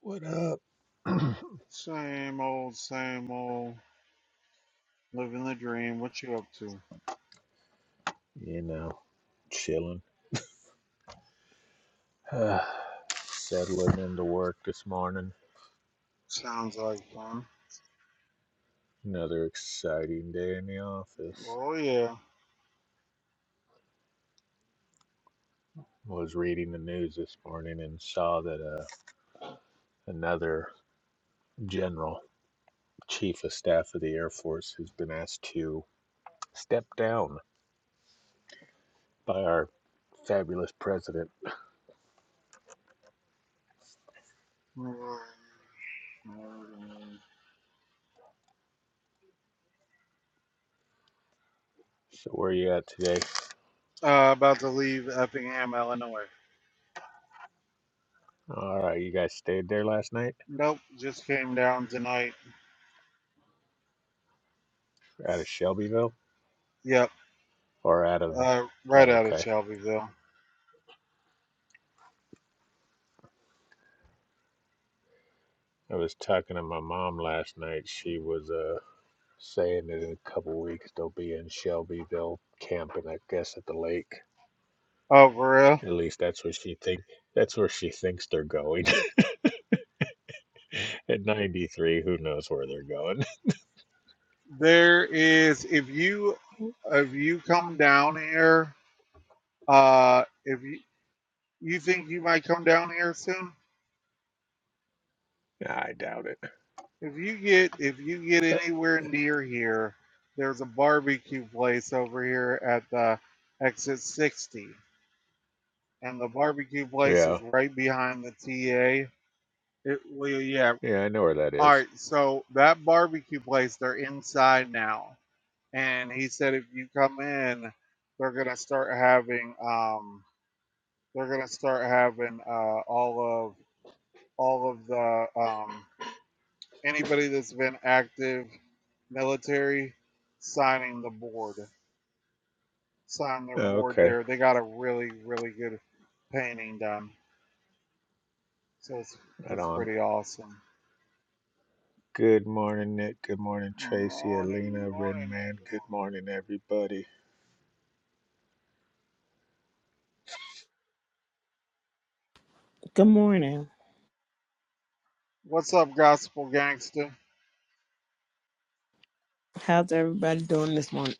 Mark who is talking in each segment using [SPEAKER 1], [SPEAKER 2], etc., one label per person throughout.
[SPEAKER 1] What up?
[SPEAKER 2] Same old, same old. Living the dream. What you up to?
[SPEAKER 1] You know, chilling, Ah, settling into work this morning.
[SPEAKER 2] Sounds like fun.
[SPEAKER 1] Another exciting day in the office.
[SPEAKER 2] Oh yeah.
[SPEAKER 1] Was reading the news this morning and saw that uh, another general, chief of staff of the Air Force, has been asked to step down by our fabulous president. So, where you at today?
[SPEAKER 2] Uh, about to leave Effingham, Illinois.
[SPEAKER 1] All right, you guys stayed there last night?
[SPEAKER 2] Nope, just came down tonight.
[SPEAKER 1] Out of Shelbyville?
[SPEAKER 2] Yep,
[SPEAKER 1] Or out of.
[SPEAKER 2] uh, right
[SPEAKER 1] Oh,
[SPEAKER 2] out of
[SPEAKER 1] okay.
[SPEAKER 2] Shelbyville.
[SPEAKER 1] I was talking to my mom last night. She was. uh saying that in a couple weeks they'll be in Shelbyville camping, I guess, at the lake.
[SPEAKER 2] Oh, for real?
[SPEAKER 1] At least that's where she think that's where she thinks they're going. at 93, who knows where they're going?
[SPEAKER 2] There is if you if you come down here, uh, if you you think you might come down here soon?
[SPEAKER 1] I doubt it.
[SPEAKER 2] If you get if you get
[SPEAKER 1] But
[SPEAKER 2] anywhere near here, there's a barbecue place over here at the exit 60, and the barbecue place
[SPEAKER 1] yeah,
[SPEAKER 2] is right behind the TA. It well, yeah.
[SPEAKER 1] yeah, I know where that
[SPEAKER 2] All
[SPEAKER 1] is.
[SPEAKER 2] right, so that barbecue place, they're inside now, and he said if you come in, they're gonna start having um, they're gonna start having uh, all of all of the um, Anybody that's been active military signing the board, sign their
[SPEAKER 1] Oh,
[SPEAKER 2] board
[SPEAKER 1] Okay,
[SPEAKER 2] there. They got a really really good painting done, so it's
[SPEAKER 1] right
[SPEAKER 2] it's
[SPEAKER 1] on.
[SPEAKER 2] pretty awesome.
[SPEAKER 1] Good morning, Nick. Good morning, Tracy,
[SPEAKER 2] Morning,
[SPEAKER 1] Alina,
[SPEAKER 2] morning,
[SPEAKER 1] Redman. Good
[SPEAKER 2] everyone.
[SPEAKER 1] morning, everybody.
[SPEAKER 3] Good morning.
[SPEAKER 2] What's up, Gospel Gangster?
[SPEAKER 3] How's everybody doing this morning?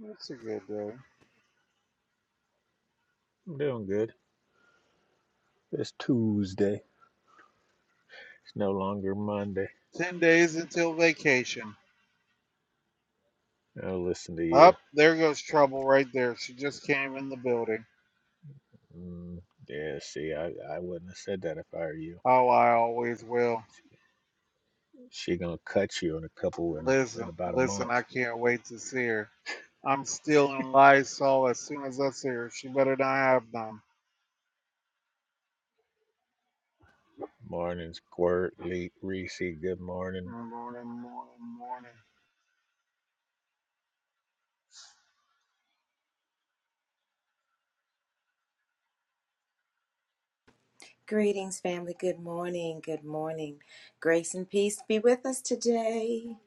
[SPEAKER 2] That's a good day.
[SPEAKER 1] I'm doing good. It's Tuesday. It's no longer Monday.
[SPEAKER 2] Ten days until vacation.
[SPEAKER 1] I'll listen to you.
[SPEAKER 2] Up oh, there goes trouble right there. She just came in the building.
[SPEAKER 1] Mm, yeah, see, I, I wouldn't have said that if I were you.
[SPEAKER 2] Oh, I always will.
[SPEAKER 1] She gonna cut you in a couple in a, in
[SPEAKER 2] Listen,
[SPEAKER 1] about a
[SPEAKER 2] listen, I
[SPEAKER 1] month.
[SPEAKER 2] can't wait to see her. I'm stealing Lysol as soon as I see her. She better not have none.
[SPEAKER 1] Morning, Squirt, Le- Reese. Good morning.
[SPEAKER 2] Morning, morning, morning,
[SPEAKER 4] Greetings, family. Good morning. Good morning. Grace and peace be with us today.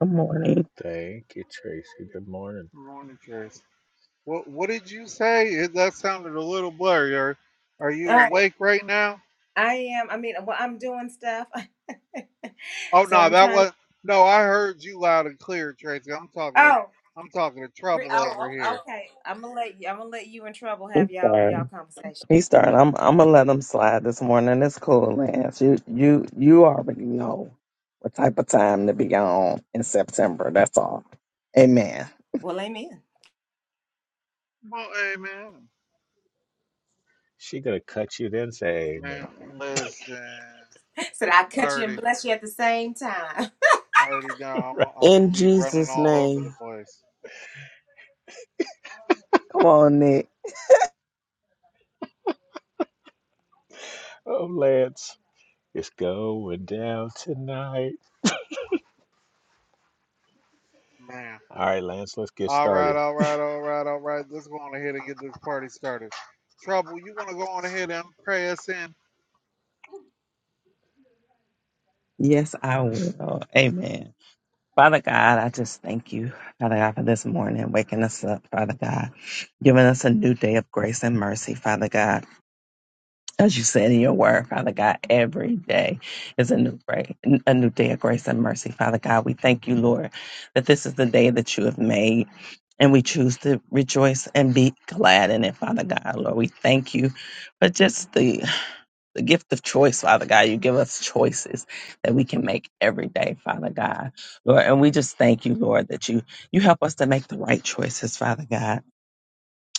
[SPEAKER 5] Good morning.
[SPEAKER 1] Thank you, Tracy. Good morning.
[SPEAKER 2] morning, Trace. What What did you say? It, that sounded a little blurry. Are Are you
[SPEAKER 4] Oh,
[SPEAKER 2] awake right now?
[SPEAKER 4] I am. I mean, well, I'm doing stuff,
[SPEAKER 2] Oh
[SPEAKER 4] so
[SPEAKER 2] no,
[SPEAKER 4] I'm
[SPEAKER 2] that
[SPEAKER 4] trying. To,
[SPEAKER 2] was no. I heard you loud and clear, Tracy. I'm talking to
[SPEAKER 4] oh,
[SPEAKER 2] I'm talking to
[SPEAKER 4] re,
[SPEAKER 2] trouble
[SPEAKER 4] oh,
[SPEAKER 2] over
[SPEAKER 4] oh,
[SPEAKER 2] here.
[SPEAKER 4] okay. I'm gonna let you. I'm gonna let you in trouble. Have y'all y'all
[SPEAKER 5] Darn.
[SPEAKER 4] conversation.
[SPEAKER 5] He's darn. I'm I'm gonna let him slide this morning. It's cool, Lance. You you you already know what type of time to be on in September. That's all. Amen.
[SPEAKER 4] Well, amen.
[SPEAKER 2] Well, hey man,
[SPEAKER 1] She gonna cut you then say amen.
[SPEAKER 2] man, listen.
[SPEAKER 4] so that I
[SPEAKER 2] I
[SPEAKER 4] cut you and
[SPEAKER 2] already,
[SPEAKER 4] bless you at the same time.
[SPEAKER 2] I already know. I'm I'm gonna
[SPEAKER 3] In
[SPEAKER 2] be
[SPEAKER 1] Right.
[SPEAKER 2] running
[SPEAKER 3] Jesus'
[SPEAKER 2] all over the
[SPEAKER 3] name.
[SPEAKER 2] place.
[SPEAKER 5] Come on, Nick.
[SPEAKER 1] Oh, Lance, it's going down tonight.
[SPEAKER 2] Man.
[SPEAKER 1] All right, Lance, let's get
[SPEAKER 2] All right,
[SPEAKER 1] started.
[SPEAKER 2] all right, all right, all right. Let's go on ahead and get this party started. Trouble, you want to go on ahead and pray us in?
[SPEAKER 5] Yes, I will. Amen. Father God, I just thank you, Father God, for this morning, waking us up, Father God, giving us a new day of grace and mercy, Father God. as you said in your word, Father God, every day is a new day, a new day of grace and mercy. Father God, we thank you, Lord, that this is the day that you have made, and we choose to rejoice and be glad in it, Father God. Lord, we thank you for just the, the gift of choice, Father God. You give us choices that we can make every day, Father God, Lord, and we just thank you, Lord, that you you help us to make the right choices, Father God.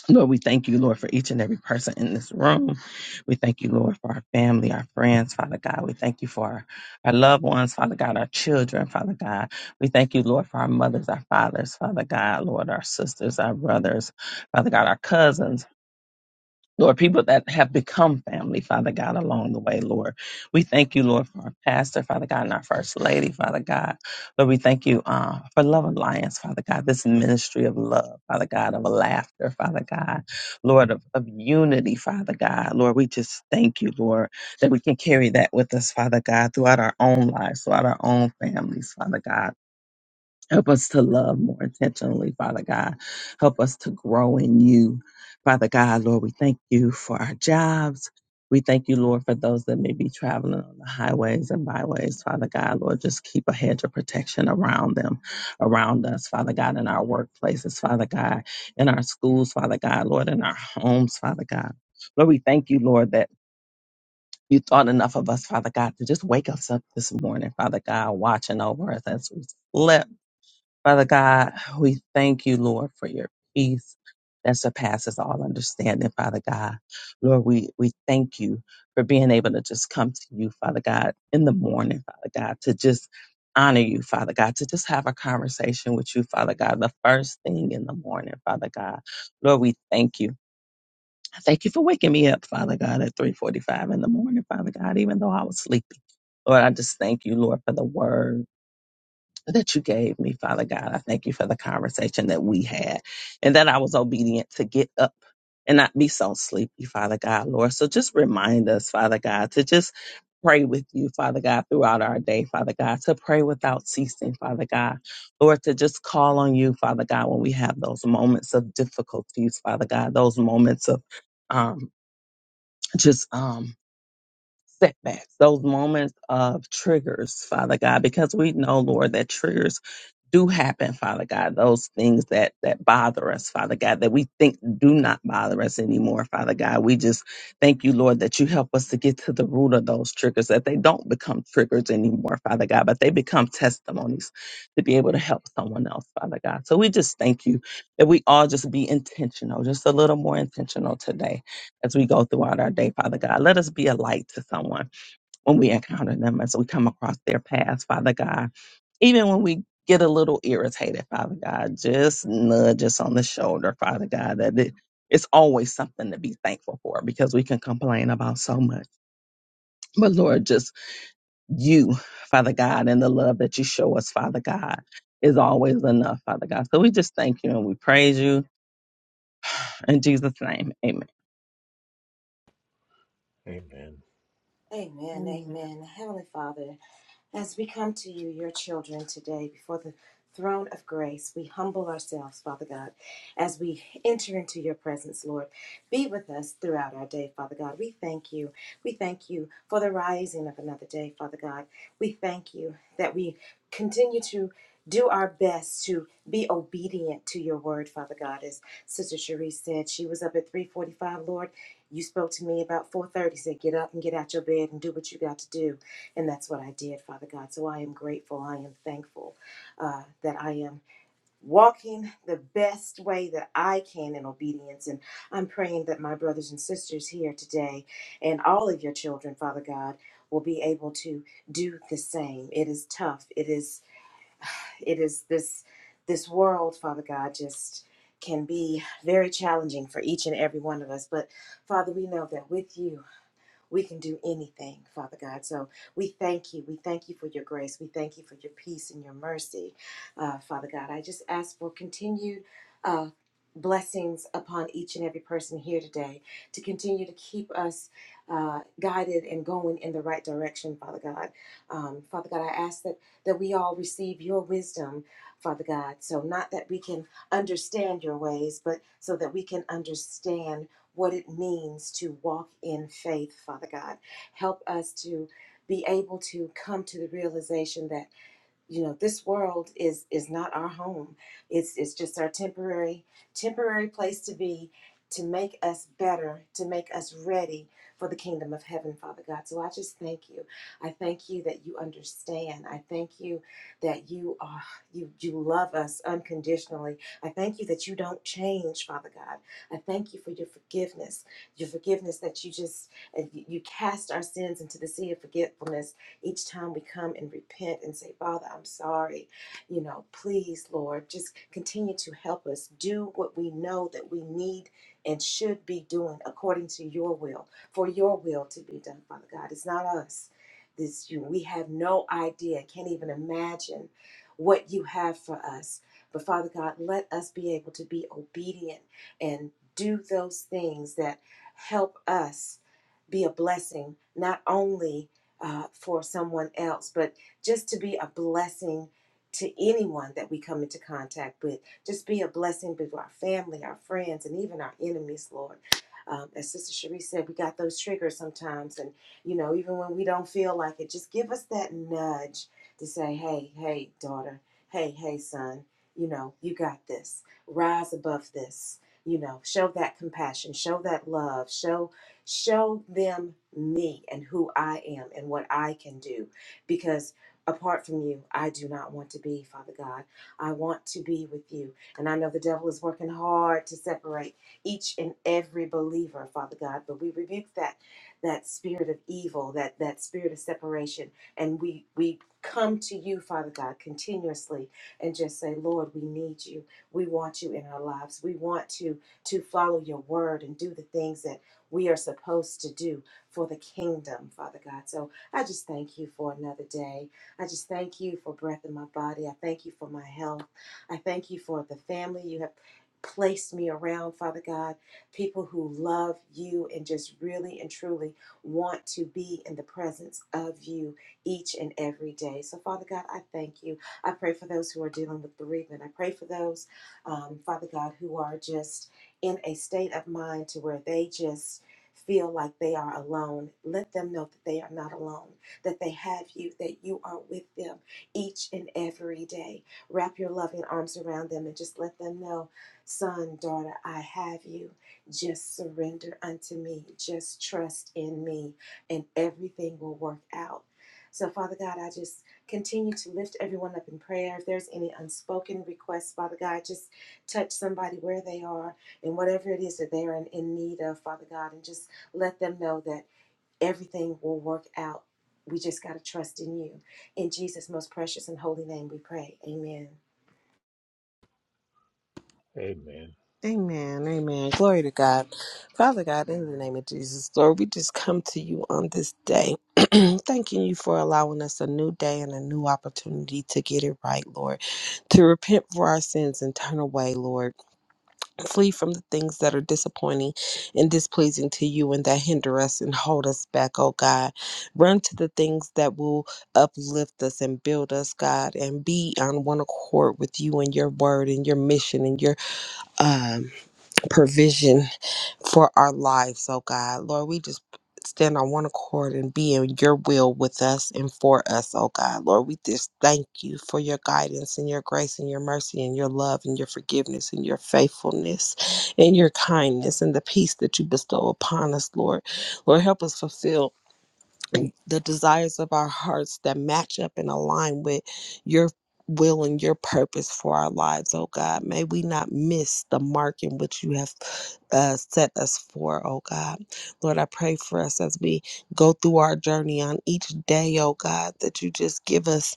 [SPEAKER 5] Lord, we thank you, Lord, for each and every person in this room. We thank you, Lord, for our family, our friends, Father God. We thank you for our, our loved ones, Father God, our children, Father God. We thank you, Lord, for our mothers, our fathers, Father God, Lord, our sisters, our brothers, Father God, our cousins, Lord, people that have become family, Father God, along the way, Lord. We thank you, Lord, for our pastor, Father God, and our first lady, Father God. Lord, we thank you uh, for Love Alliance, Father God, this ministry of love, Father God, of laughter, Father God, Lord, of, of unity, Father God. Lord, we just thank you, Lord, that we can carry that with us, Father God, throughout our own lives, throughout our own families, Father God. Help us to love more intentionally, Father God. Help us to grow in you, Father God. Lord, we thank you for our jobs. We thank you, Lord, for those that may be traveling on the highways and byways, Father God. Lord, just keep a hedge of protection around them, around us, Father God, in our workplaces, Father God, in our schools, Father God, Lord, in our homes, Father God. Lord, we thank you, Lord, that you thought enough of us, Father God, to just wake us up this morning, Father God, watching over us as we slept. Father God, we thank you, Lord, for your peace that surpasses all understanding, Father God. Lord, we, we thank you for being able to just come to you, Father God, in the morning, Father God, to just honor you, Father God, to just have a conversation with you, Father God, the first thing in the morning, Father God. Lord, we thank you. I Thank you for waking me up, Father God, at 3:45 in the morning, Father God, even though I was sleepy. Lord, I just thank you, Lord, for the word that you gave me, Father God. I thank you for the conversation that we had and that I was obedient to get up and not be so sleepy, Father God, Lord. So just remind us, Father God, to just pray with you, Father God, throughout our day, Father God, to pray without ceasing, Father God, Lord, to just call on you, Father God, when we have those moments of difficulties, Father God, those moments of um, just um, setbacks, those moments of triggers, Father God, because we know, Lord, that triggers do happen, Father God. Those things that that bother us, Father God, that we think do not bother us anymore, Father God. We just thank you, Lord, that you help us to get to the root of those triggers, that they don't become triggers anymore, Father God, but they become testimonies to be able to help someone else, Father God. So we just thank you that we all just be intentional, just a little more intentional today as we go throughout our day, Father God. Let us be a light to someone when we encounter them as we come across their paths, Father God. Even when we get a little irritated, Father God, just nudge us on the shoulder, Father God, that it, it's always something to be thankful for because we can complain about so much. But Lord, just you, Father God, and the love that you show us, Father God, is always enough, Father God. So we just thank you and we praise you. In Jesus' name, amen.
[SPEAKER 1] Amen.
[SPEAKER 4] Amen.
[SPEAKER 3] Amen.
[SPEAKER 4] Amen. Heavenly Father. As we come to you, your children, today before the throne of grace, we humble ourselves, Father God, as we enter into your presence, Lord. Be with us throughout our day, Father God. We thank you. We thank you for the rising of another day, Father God. We thank you that we continue to do our best to be obedient to your word, Father God. As Sister Cherie said, she was up at 345, Lord. You spoke to me about 430, said, get up and get out your bed and do what you got to do. And that's what I did, Father God. So I am grateful. I am thankful uh, that I am walking the best way that I can in obedience. And I'm praying that my brothers and sisters here today and all of your children, Father God, will be able to do the same. It is tough. It is it is this this world, Father God, just can be very challenging for each and every one of us. But Father, we know that with you we can do anything, Father God. So we thank you. We thank you for your grace. We thank you for your peace and your mercy, uh, Father God. I just ask for continued. Uh, Blessings upon each and every person here today to continue to keep us uh, guided and going in the right direction, Father God. Um, Father God, I ask that, that we all receive your wisdom, Father God. So, not that we can understand your ways, but so that we can understand what it means to walk in faith, Father God. Help us to be able to come to the realization that you know this world is is not our home it's it's just our temporary temporary place to be to make us better to make us ready for the kingdom of heaven father god so i just thank you i thank you that you understand i thank you that you are you you love us unconditionally i thank you that you don't change father god i thank you for your forgiveness your forgiveness that you just uh, you cast our sins into the sea of forgetfulness each time we come and repent and say, Father, I'm sorry. You know, please, Lord, just continue to help us do what we know that we need and should be doing according to your will, for your will to be done, Father God. It's not us. This you we have no idea, can't even imagine what you have for us. But Father God, let us be able to be obedient and do those things that help us be a blessing not only uh, for someone else, but just to be a blessing to anyone that we come into contact with. Just be a blessing to our family, our friends, and even our enemies, Lord. Um, as Sister Cherie said, we got those triggers sometimes, and you know, even when we don't feel like it, just give us that nudge to say, "Hey, hey, daughter, hey, hey, son, you know, you got this. Rise above this. You know, show that compassion, show that love, show Show them me and who I am and what I can do. Because apart from you, I do not want to be, Father God. I want to be with you. And I know the devil is working hard to separate each and every believer, Father God. But we rebuke that that spirit of evil, that that spirit of separation. And we we come to you, Father God, continuously and just say, Lord, we need you. We want you in our lives. We want to to follow your word and do the things that we are supposed to do for the kingdom, Father God. So I just thank you for another day. I just thank you for breath in my body. I thank you for my health. I thank you for the family you have placed me around, Father God, people who love you and just really and truly want to be in the presence of you each and every day. So, Father God, I thank you. I pray for those who are dealing with bereavement. I pray for those, um, Father God, who are just in a state of mind to where they just feel like they are alone, let them know that they are not alone, that they have you, that you are with them each and every day. Wrap your loving arms around them and just let them know, son, daughter, I have you. Just surrender unto me. Just trust in me, and everything will work out. So, Father God, I just continue to lift everyone up in prayer. If there's any unspoken requests, Father God, just touch somebody where they are and whatever it is that they're in, in need of, Father God, and just let them know that everything will work out. We just got to trust in you. In Jesus' most precious and holy name, we pray. Amen.
[SPEAKER 1] Amen.
[SPEAKER 3] Amen. Amen. Glory to God. Father God, in the
[SPEAKER 2] Mm,
[SPEAKER 3] name of Jesus, Lord, we just come to you on this day, thanking you for allowing us a new day and a new opportunity to get it right, Lord, to repent for our sins and turn away, Lord. Flee from the things that are disappointing and displeasing to you and that hinder us and hold us back, oh God. Run to the things that will uplift us and build us, God, and be on one accord with you and your word and your mission and your um, provision for our lives, oh God. Lord, we just stand on one accord and be in your will with us and for us, oh God. Lord, we just thank you for your guidance and your grace and your mercy and your love and your forgiveness and your faithfulness and your kindness and the peace that you bestow upon us, Lord. Lord, help us fulfill the desires of our hearts that match up and align with your will and your purpose for our lives, oh God. May we not miss the mark in which you have uh, set us for, oh God. Lord, I pray for us as we go through our journey on each day, oh God, that you just give us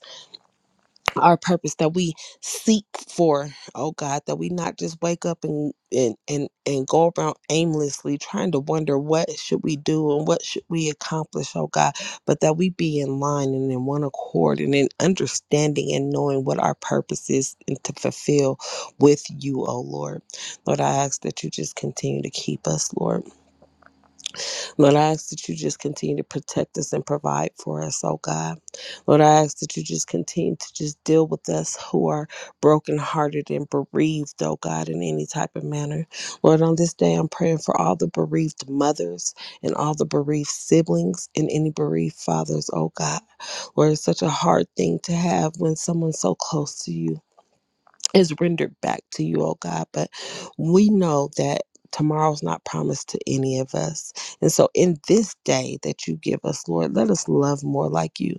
[SPEAKER 3] our purpose that we seek for oh god that we not just wake up and and and, and go around aimlessly trying to wonder what should we do and what should we accomplish oh god but that we be in line and in one accord and in understanding and knowing what our purpose is and to fulfill with you oh lord lord i ask that you just continue to keep us lord Lord, I ask that you just continue to protect us and provide for us, oh God. Lord, I ask that you just continue to just deal with us who are brokenhearted and bereaved, oh God, in any type of manner. Lord, on this day, I'm praying for all the bereaved mothers and all the bereaved siblings and any bereaved fathers, oh God. Lord, it's such a hard thing to have when someone's so close to you is rendered back to you, oh God. But we know that tomorrow's not promised to any of us. And so in this day that you give us, Lord, let us love more like you.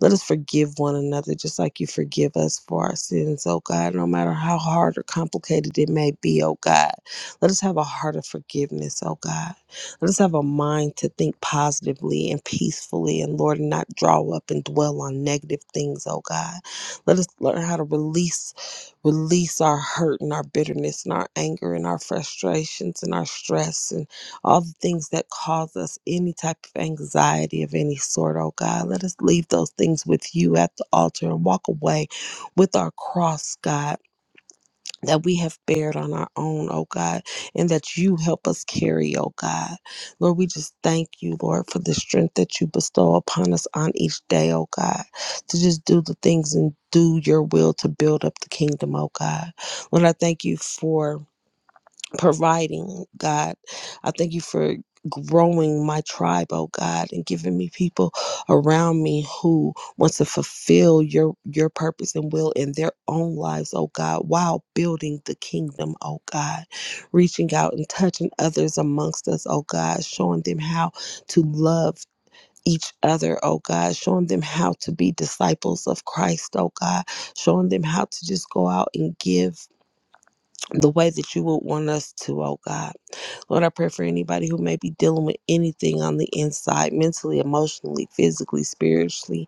[SPEAKER 3] Let us forgive one another just like you forgive us for our sins, oh God, no matter how hard or complicated it may be, oh God. Let us have a heart of forgiveness, oh God. Let us have a mind to think positively and peacefully, and Lord, and not draw up and dwell on negative things, oh God. Let us learn how to release release our hurt and our bitterness and our anger and our frustrations and our stress and all the things that cause us any type of anxiety of any sort, oh God. Let us leave those things with you at the altar and walk away with our cross, God, that we have bared on our own, oh God, and that you help us carry, oh God. Lord, we just thank you, Lord, for the strength that you bestow upon us on each day, oh God, to just do the things and do your will to build up the kingdom, oh God. Lord, I thank you for providing, God. I thank you for growing my tribe, oh God, and giving me people around me who want to fulfill your your purpose and will in their own lives, oh God, while building the kingdom, oh God, reaching out and touching others amongst us, oh God, showing them how to love each other, oh God, showing them how to be disciples of Christ, oh God, showing them how to just go out and give the way that you would want us to, oh God. Lord, I pray for anybody who may be dealing with anything on the inside, mentally, emotionally, physically, spiritually,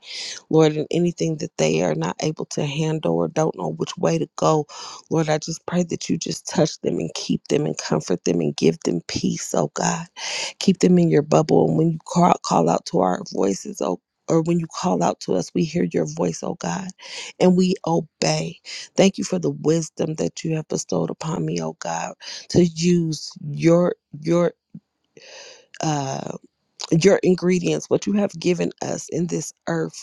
[SPEAKER 3] Lord, and anything that they are not able to handle or don't know which way to go. Lord, I just pray that you just touch them and keep them and comfort them and give them peace, oh God keep them in your bubble. And when you call, call out to our voices, oh, or when you call out to us, we hear your voice, oh God, and we obey. Thank you for the wisdom that you have bestowed upon me, oh God, to use your your uh your ingredients, what you have given us in this earth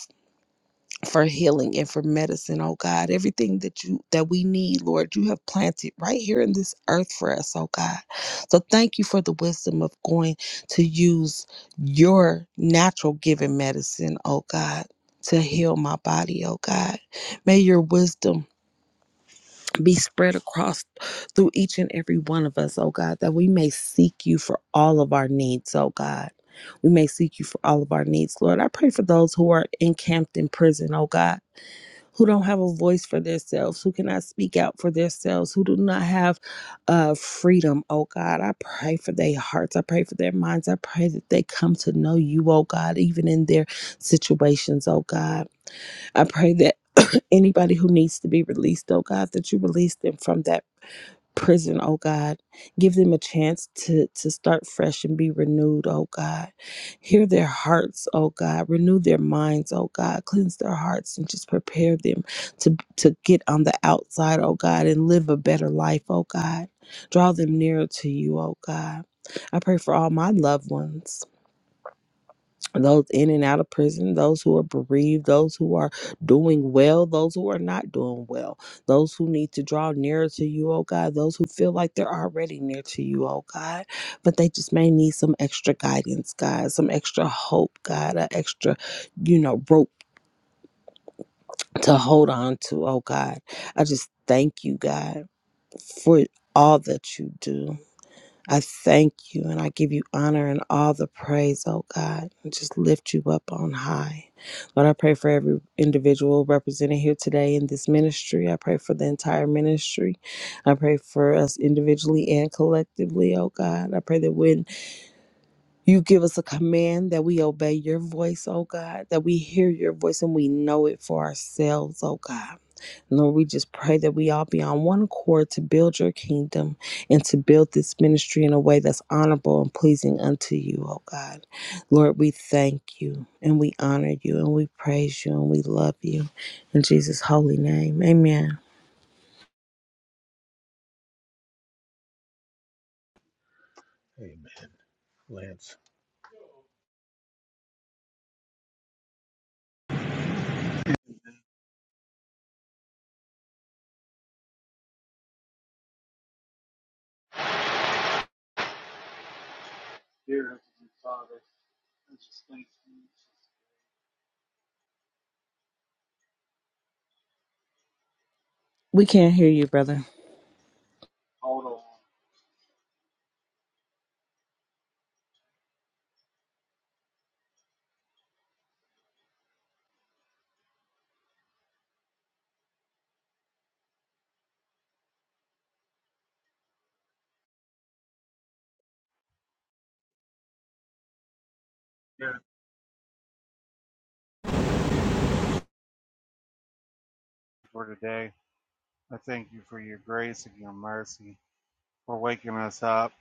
[SPEAKER 3] for healing and for medicine, oh God. Everything that you that we need, Lord, you have planted right here in this earth for us, oh God. So thank you for the wisdom of going to use your natural given medicine, oh God, to heal my body, oh God. May your wisdom be spread across through each and every one of us, oh God, that we may seek you for all of our needs, oh God. We may seek you for all of our needs, Lord. I pray for those who are encamped in prison, oh God who don't have a voice for themselves, who cannot speak out for themselves, who do not have uh, freedom. Oh God, I pray for their hearts. I pray for their minds. I pray that they come to know you, oh God, even in their situations, oh God. I pray that anybody who needs to be released, oh God, that you release them from that prison, oh God. Give them a chance to, to start fresh and be renewed, oh God. Hear their hearts, oh God. Renew their minds, oh God. Cleanse their hearts and just prepare them to, to get on the outside, oh God, and live a better life, oh God. Draw them nearer to you, oh God. I pray for all my loved ones those in and out of prison, those who are bereaved, those who are doing well, those who are not doing well, those who need to draw nearer to you, oh God, those who feel like they're already near to you, oh God, but they just may need some extra guidance, God, some extra hope, God, an extra, you know, rope to hold on to, oh God. I just thank you, God, for all that you do. I thank you and I give you honor and all the praise, oh God, and just lift you up on high. Lord, I pray for every individual represented here today in this ministry. I pray for the entire ministry. I pray for us individually and collectively, oh God. I pray that when you give us a command that we obey your voice, oh God, that we hear your voice and we know it for ourselves, oh God. Lord, we just pray that we all be on one accord to build your kingdom and to build this ministry in a way that's honorable and pleasing unto you, oh God. Lord, we thank you and we honor you and we praise you and we love you. In Jesus' holy name, amen.
[SPEAKER 1] Amen. Lance.
[SPEAKER 3] We can't hear you, brother.
[SPEAKER 2] Hold on. For today, I thank you for your grace and your mercy, for waking us up,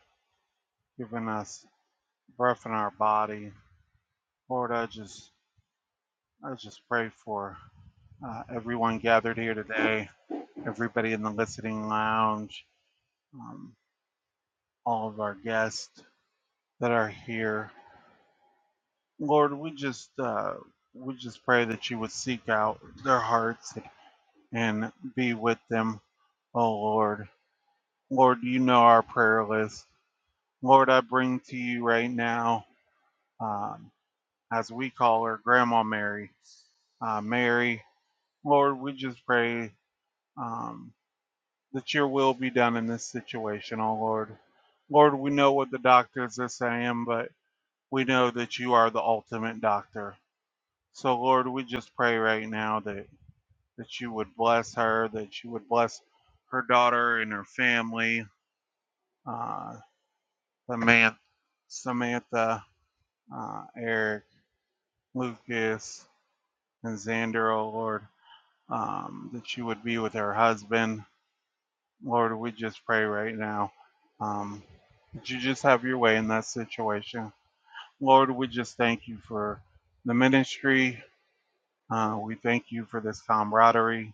[SPEAKER 2] giving us breath in our body. Lord, I just, I just pray for uh, everyone gathered here today, everybody in the listening lounge, um, all of our guests that are here. Lord, we just uh, we just pray that you would seek out their hearts and be with them, oh Lord. Lord, you know our prayer list. Lord, I bring to you right now, um, as we call her, Grandma Mary. Uh, Mary, Lord, we just pray um, that your will be done in this situation, oh Lord. Lord, we know what the doctors are saying, but we know that you are the ultimate doctor. So, Lord, we just pray right now that, that you would bless her, that you would bless her daughter and her family, uh, Samantha, Samantha uh, Eric, Lucas, and Xander, oh Lord, um, that you would be with her husband. Lord, we just pray right now um, that you just have your way in that situation. Lord, we just thank you for the ministry. Uh, we thank you for this camaraderie.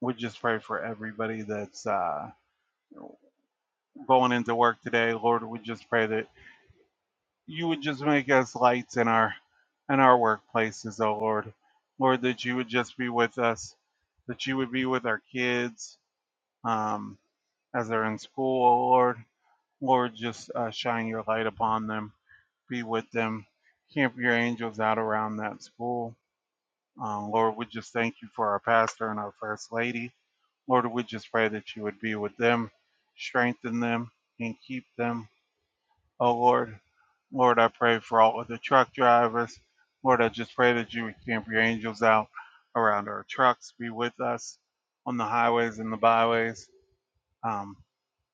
[SPEAKER 2] we just pray for everybody that's uh, going into work today. Lord, we just pray that you would just make us lights in our in our workplaces, oh Lord. Lord, that you would just be with us, that you would be with our kids um, as they're in school, oh Lord. Lord, just uh, shine your light upon them, be with them, camp your angels out around that school. Um, Lord, we just thank you for our pastor and our first lady. Lord, we just pray that you would be with them, strengthen them, and keep them. Oh, Lord, Lord, I pray for all of the truck drivers. Lord, I just pray that you would camp your angels out around our trucks, be with us on the highways and the byways, um,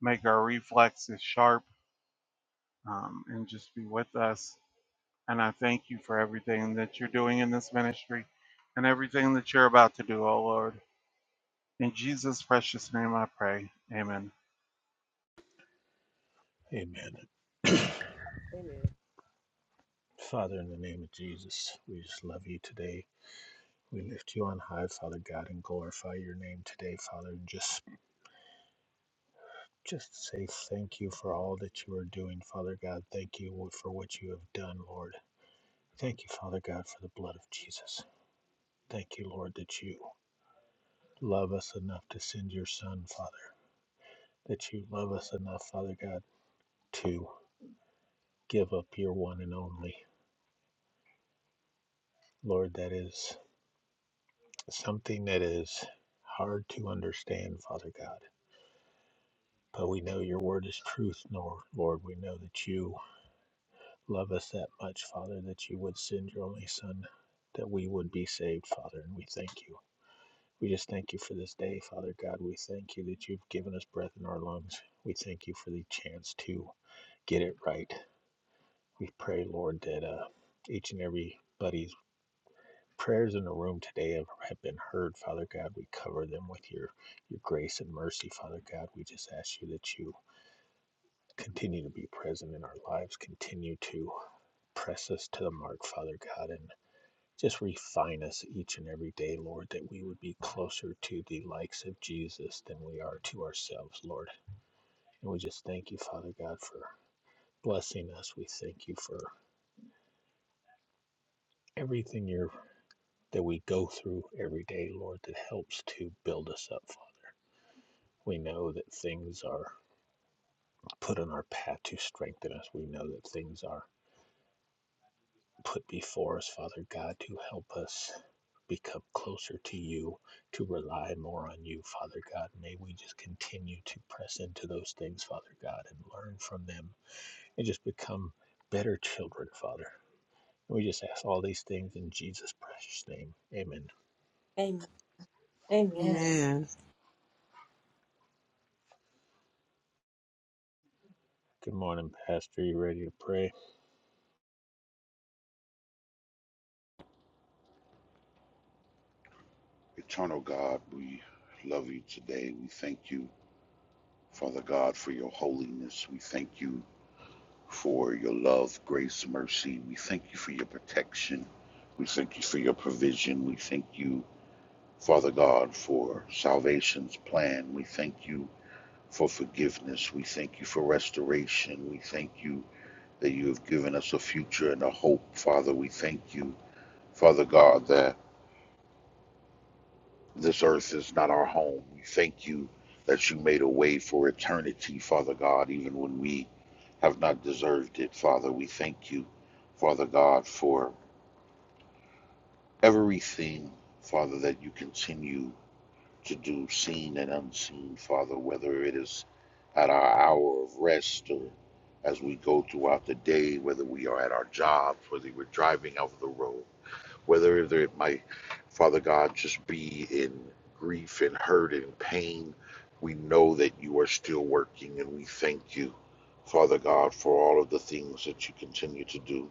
[SPEAKER 2] make our reflexes sharp, um, and just be with us. And I thank you for everything that you're doing in this ministry and everything that you're about to do, oh Lord. In Jesus' precious name I pray. Amen.
[SPEAKER 1] Amen. Father, in the name of Jesus, we just love you today. We lift you on high, Father God, and glorify your name today, Father. And just just say thank you for all that you are doing, Father God. Thank you for what you have done, Lord. Thank you, Father God, for the blood of Jesus. Thank you, Lord, that you love us enough to send your Son, Father. That you love us enough, Father God, to give up your one and only. Lord, that is something that is hard to understand, Father God. But we know your word is truth, Nor- Lord. We know that you Love us that much, Father, that you would send your only Son, that we would be saved, Father, and we thank you. We just thank you for this day, Father God. We thank you that you've given us breath in our lungs. We thank you for the chance to get it right. We pray, Lord, that uh, each and every buddy's prayers in the room today have, have been heard, Father God. We cover them with your, your grace and mercy, Father God. We just ask you that you continue to be present in our lives, continue to press us to the mark, Father God, and Just refine us each and every day, Lord, that we would be closer to the likes of Jesus than we are to ourselves, Lord. And we just thank you, Father God, for blessing us. We thank you for everything you're, that we go through every day, Lord, that helps to build us up, Father. We know that things are put on our path to strengthen us. We know that things are put before us, Father God, to help us become closer to you, to rely more on you, Father God. May we just continue to press into those things, Father God, and learn from them and just become better children, Father. We just ask all these things in Jesus' precious name. Amen.
[SPEAKER 4] Amen. Amen.
[SPEAKER 3] Amen.
[SPEAKER 1] Good morning, Pastor. You ready to pray?
[SPEAKER 6] Eternal God, we love you today. We thank you, Father God, for your holiness. We thank you for your love, grace, mercy. We thank you for your protection. We thank you for your provision. We thank you, Father God, for salvation's plan. We thank you for forgiveness. We thank you for restoration. We thank you that you have given us a future and a hope, Father. We thank you, Father God, that. This earth is not our home. We thank you that you made a way for eternity, Father God, even when we have not deserved it, Father. We thank you, Father God, for everything, Father, that you continue to do, seen and unseen, Father, whether it is at our hour of rest or as we go throughout the day, whether we are at our jobs, whether we're driving over the road whether it might, Father God, just be in grief and hurt and pain. We know that you are still working, and we thank you, Father God, for all of the things that you continue to do.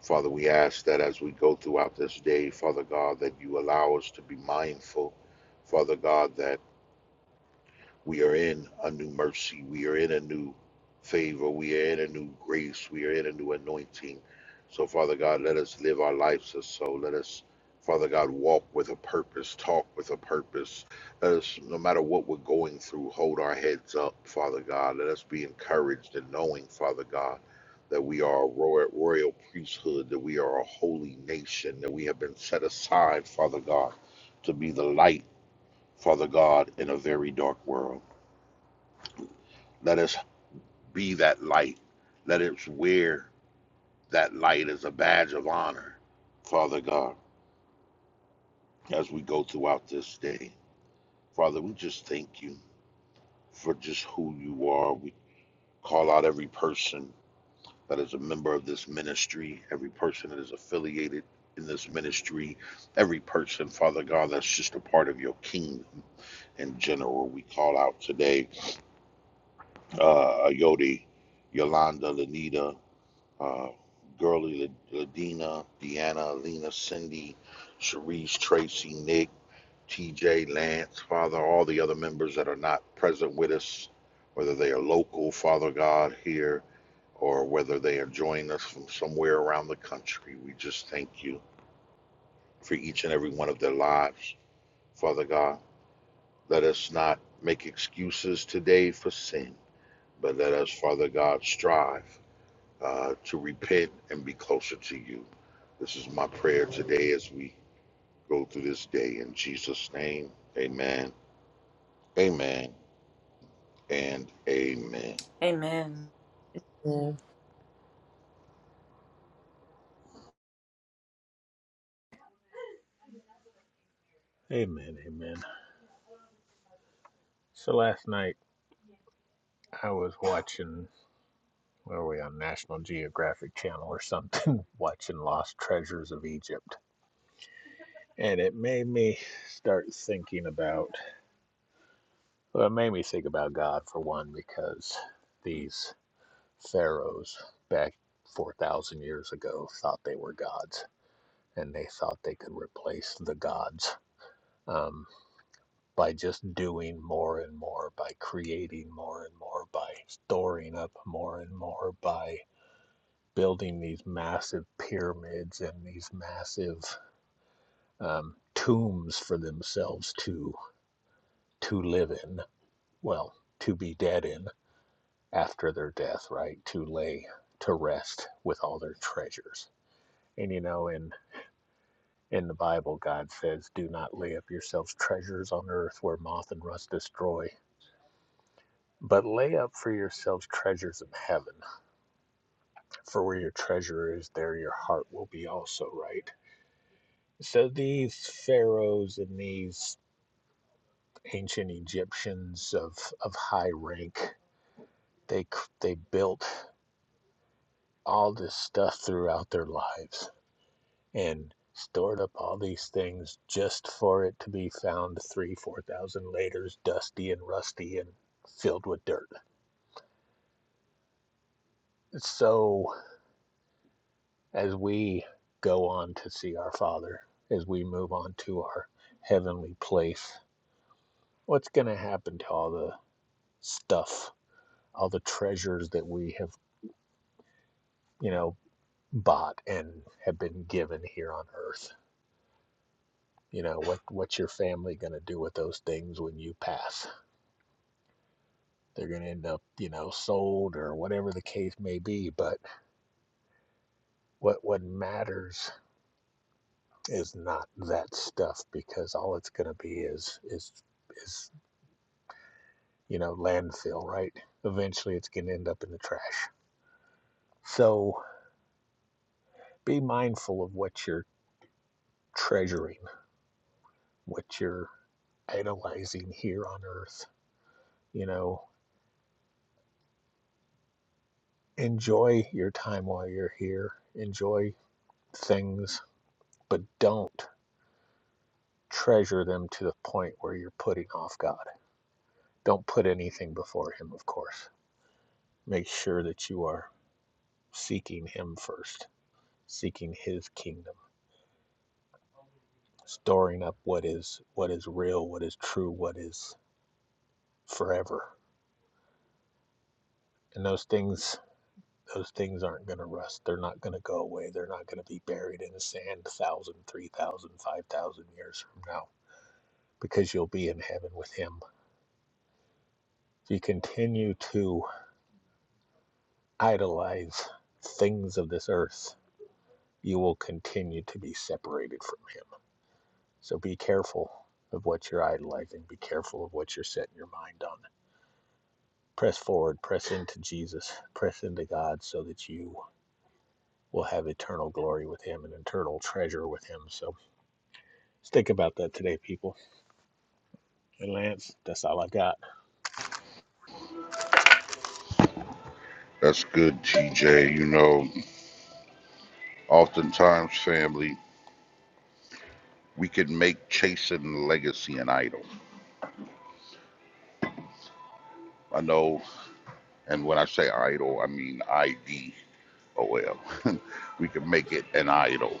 [SPEAKER 6] Father, we ask that as we go throughout this day, Father God, that you allow us to be mindful, Father God, that. We are in a new mercy. We are in a new favor. We are in a new grace. We are in a new anointing. So, Father God, let us live our lives as so. Let us, Father God, walk with a purpose, talk with a purpose. Let us, no matter what we're going through, hold our heads up, Father God. Let us be encouraged in knowing, Father God, that we are a royal, royal priesthood, that we are a holy nation, that we have been set aside, Father God, to be the light, Father God, in a very dark world. Let us be that light. Let us wear that light as a badge of honor, Father God, as we go throughout this day. Father, we just thank you for just who you are. We call out every person that is a member of this ministry, every person that is affiliated in this ministry, every person, Father God, that's just a part of your kingdom in general. We call out today uh, Yodi, Yolanda, Lanita. uh, Girly, Ladina, Deanna, Alina, Cindy, Sharice, Tracy, Nick, TJ, Lance, Father, all the other members that are not present with us, whether they are local, Father God, here, or whether they are joining us from somewhere around the country. We just thank you for each and every one of their lives, Father God. Let us not make excuses today for sin, but let us, Father God, strive. uh, to repent and be closer to you. This is my prayer today as we go through this day. In Jesus' name, amen, amen, and amen.
[SPEAKER 4] Amen.
[SPEAKER 3] Amen.
[SPEAKER 1] Amen. Amen. So last night I was watching, where were we on National Geographic Channel or something, watching Lost Treasures of Egypt and it made me start thinking about well it made me think about god for one because these pharaohs back 4000 years ago thought they were gods and they thought they could replace the gods um, by just doing more and more by creating more and more by storing up more and more by building these massive pyramids and these massive um, tombs for themselves to to live in well, to be dead in after their death, right? To lay to rest with all their treasures. And you know, in in the Bible, God says, "Do not lay up yourselves treasures on earth, where moth and rust destroy." But lay up for yourselves treasures in heaven, for where your treasure is, there your heart will be also, right? So these pharaohs and these ancient Egyptians of, of high rank, they, they built all this stuff throughout their lives and stored up all these things just for it to be found three, four thousand later, dusty and rusty and filled with dirt. So as we go on to see our Father, as we move on to our heavenly place, what's going to happen to all the stuff, all the treasures that we have, you know, bought and have been given here on earth? You know, what, what's your family going to do with those things when you pass? they're going to end up, you know, sold or whatever the case may be. But what what matters is not that stuff because all it's going to be is is is you know landfill, right? Eventually, it's going to end up in the trash. So be mindful of what you're treasuring, what you're idolizing here on Earth. You know, enjoy your time while you're here. Enjoy things, but don't treasure them to the point where you're putting off God Don't put anything before Him, of course. Make sure that you are seeking Him first, seeking His kingdom, storing up what is what is real, what is true, what is forever. And those things those things aren't going to rust. They're not going to go away. They're not going to be buried in the sand 1,000, 3,000, 5,000 years from now because you'll be in heaven with Him. If you continue to idolize things of this earth, you will continue to be separated from Him So be careful of what you're idolizing. Be careful of what you're setting your mind on. Press forward, press into Jesus, press into God so that you will have eternal glory with Him and eternal treasure with Him. So think about that today, people. And Lance, that's all I got.
[SPEAKER 6] That's good, TJ. You know, oftentimes, family, we can make chasing legacy an idol. I know, and when I say idol, I mean I D O L. We can make it an idol.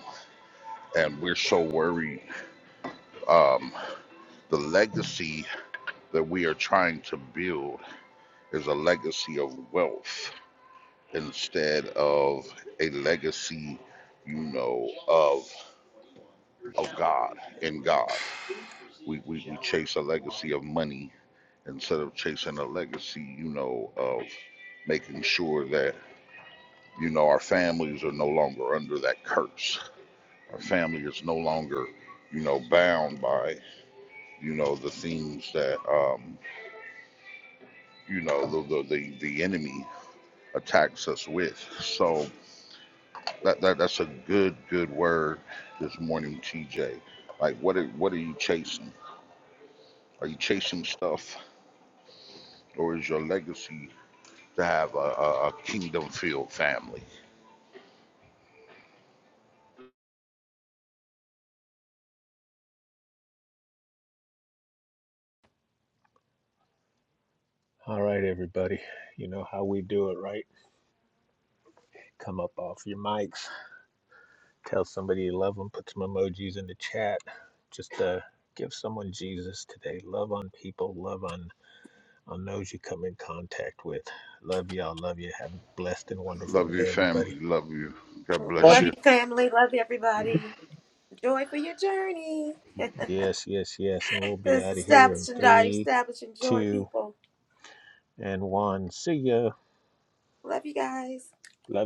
[SPEAKER 6] And we're so worried. Um, the legacy that we are trying to build is a legacy of wealth instead of a legacy, you know, of of God in God. We, we, we chase a legacy of money instead of chasing a legacy, you know, of making sure that, you know, our families are no longer under that curse. Our family is no longer, you know, bound by, you know, the things that um, you know, the the, the, the enemy attacks us with. So That, that that's a good good word this morning, TJ. Like what are, what are you chasing? Are you chasing stuff, or is your legacy to have a, a, a kingdom filled family?
[SPEAKER 1] All right, everybody. You know how we do it, right? Come up off your mics, tell somebody you love them, put some emojis in the chat. Just uh, give someone Jesus today. Love on people, love on on those you come in contact with. Love y'all. Love you. Have a blessed and wonderful
[SPEAKER 6] Love your
[SPEAKER 1] day, everybody.
[SPEAKER 6] family. Love you. God bless
[SPEAKER 4] Love
[SPEAKER 6] you.
[SPEAKER 4] you, family. Love you, everybody. Joy for your journey.
[SPEAKER 1] Yes, yes, yes. And we'll be
[SPEAKER 4] This
[SPEAKER 1] out
[SPEAKER 4] is
[SPEAKER 1] of here in
[SPEAKER 4] establishing joy,
[SPEAKER 1] three,
[SPEAKER 4] establishing joy,
[SPEAKER 1] two,
[SPEAKER 4] people.
[SPEAKER 1] and one. See ya.
[SPEAKER 4] Love you guys.
[SPEAKER 1] Love you.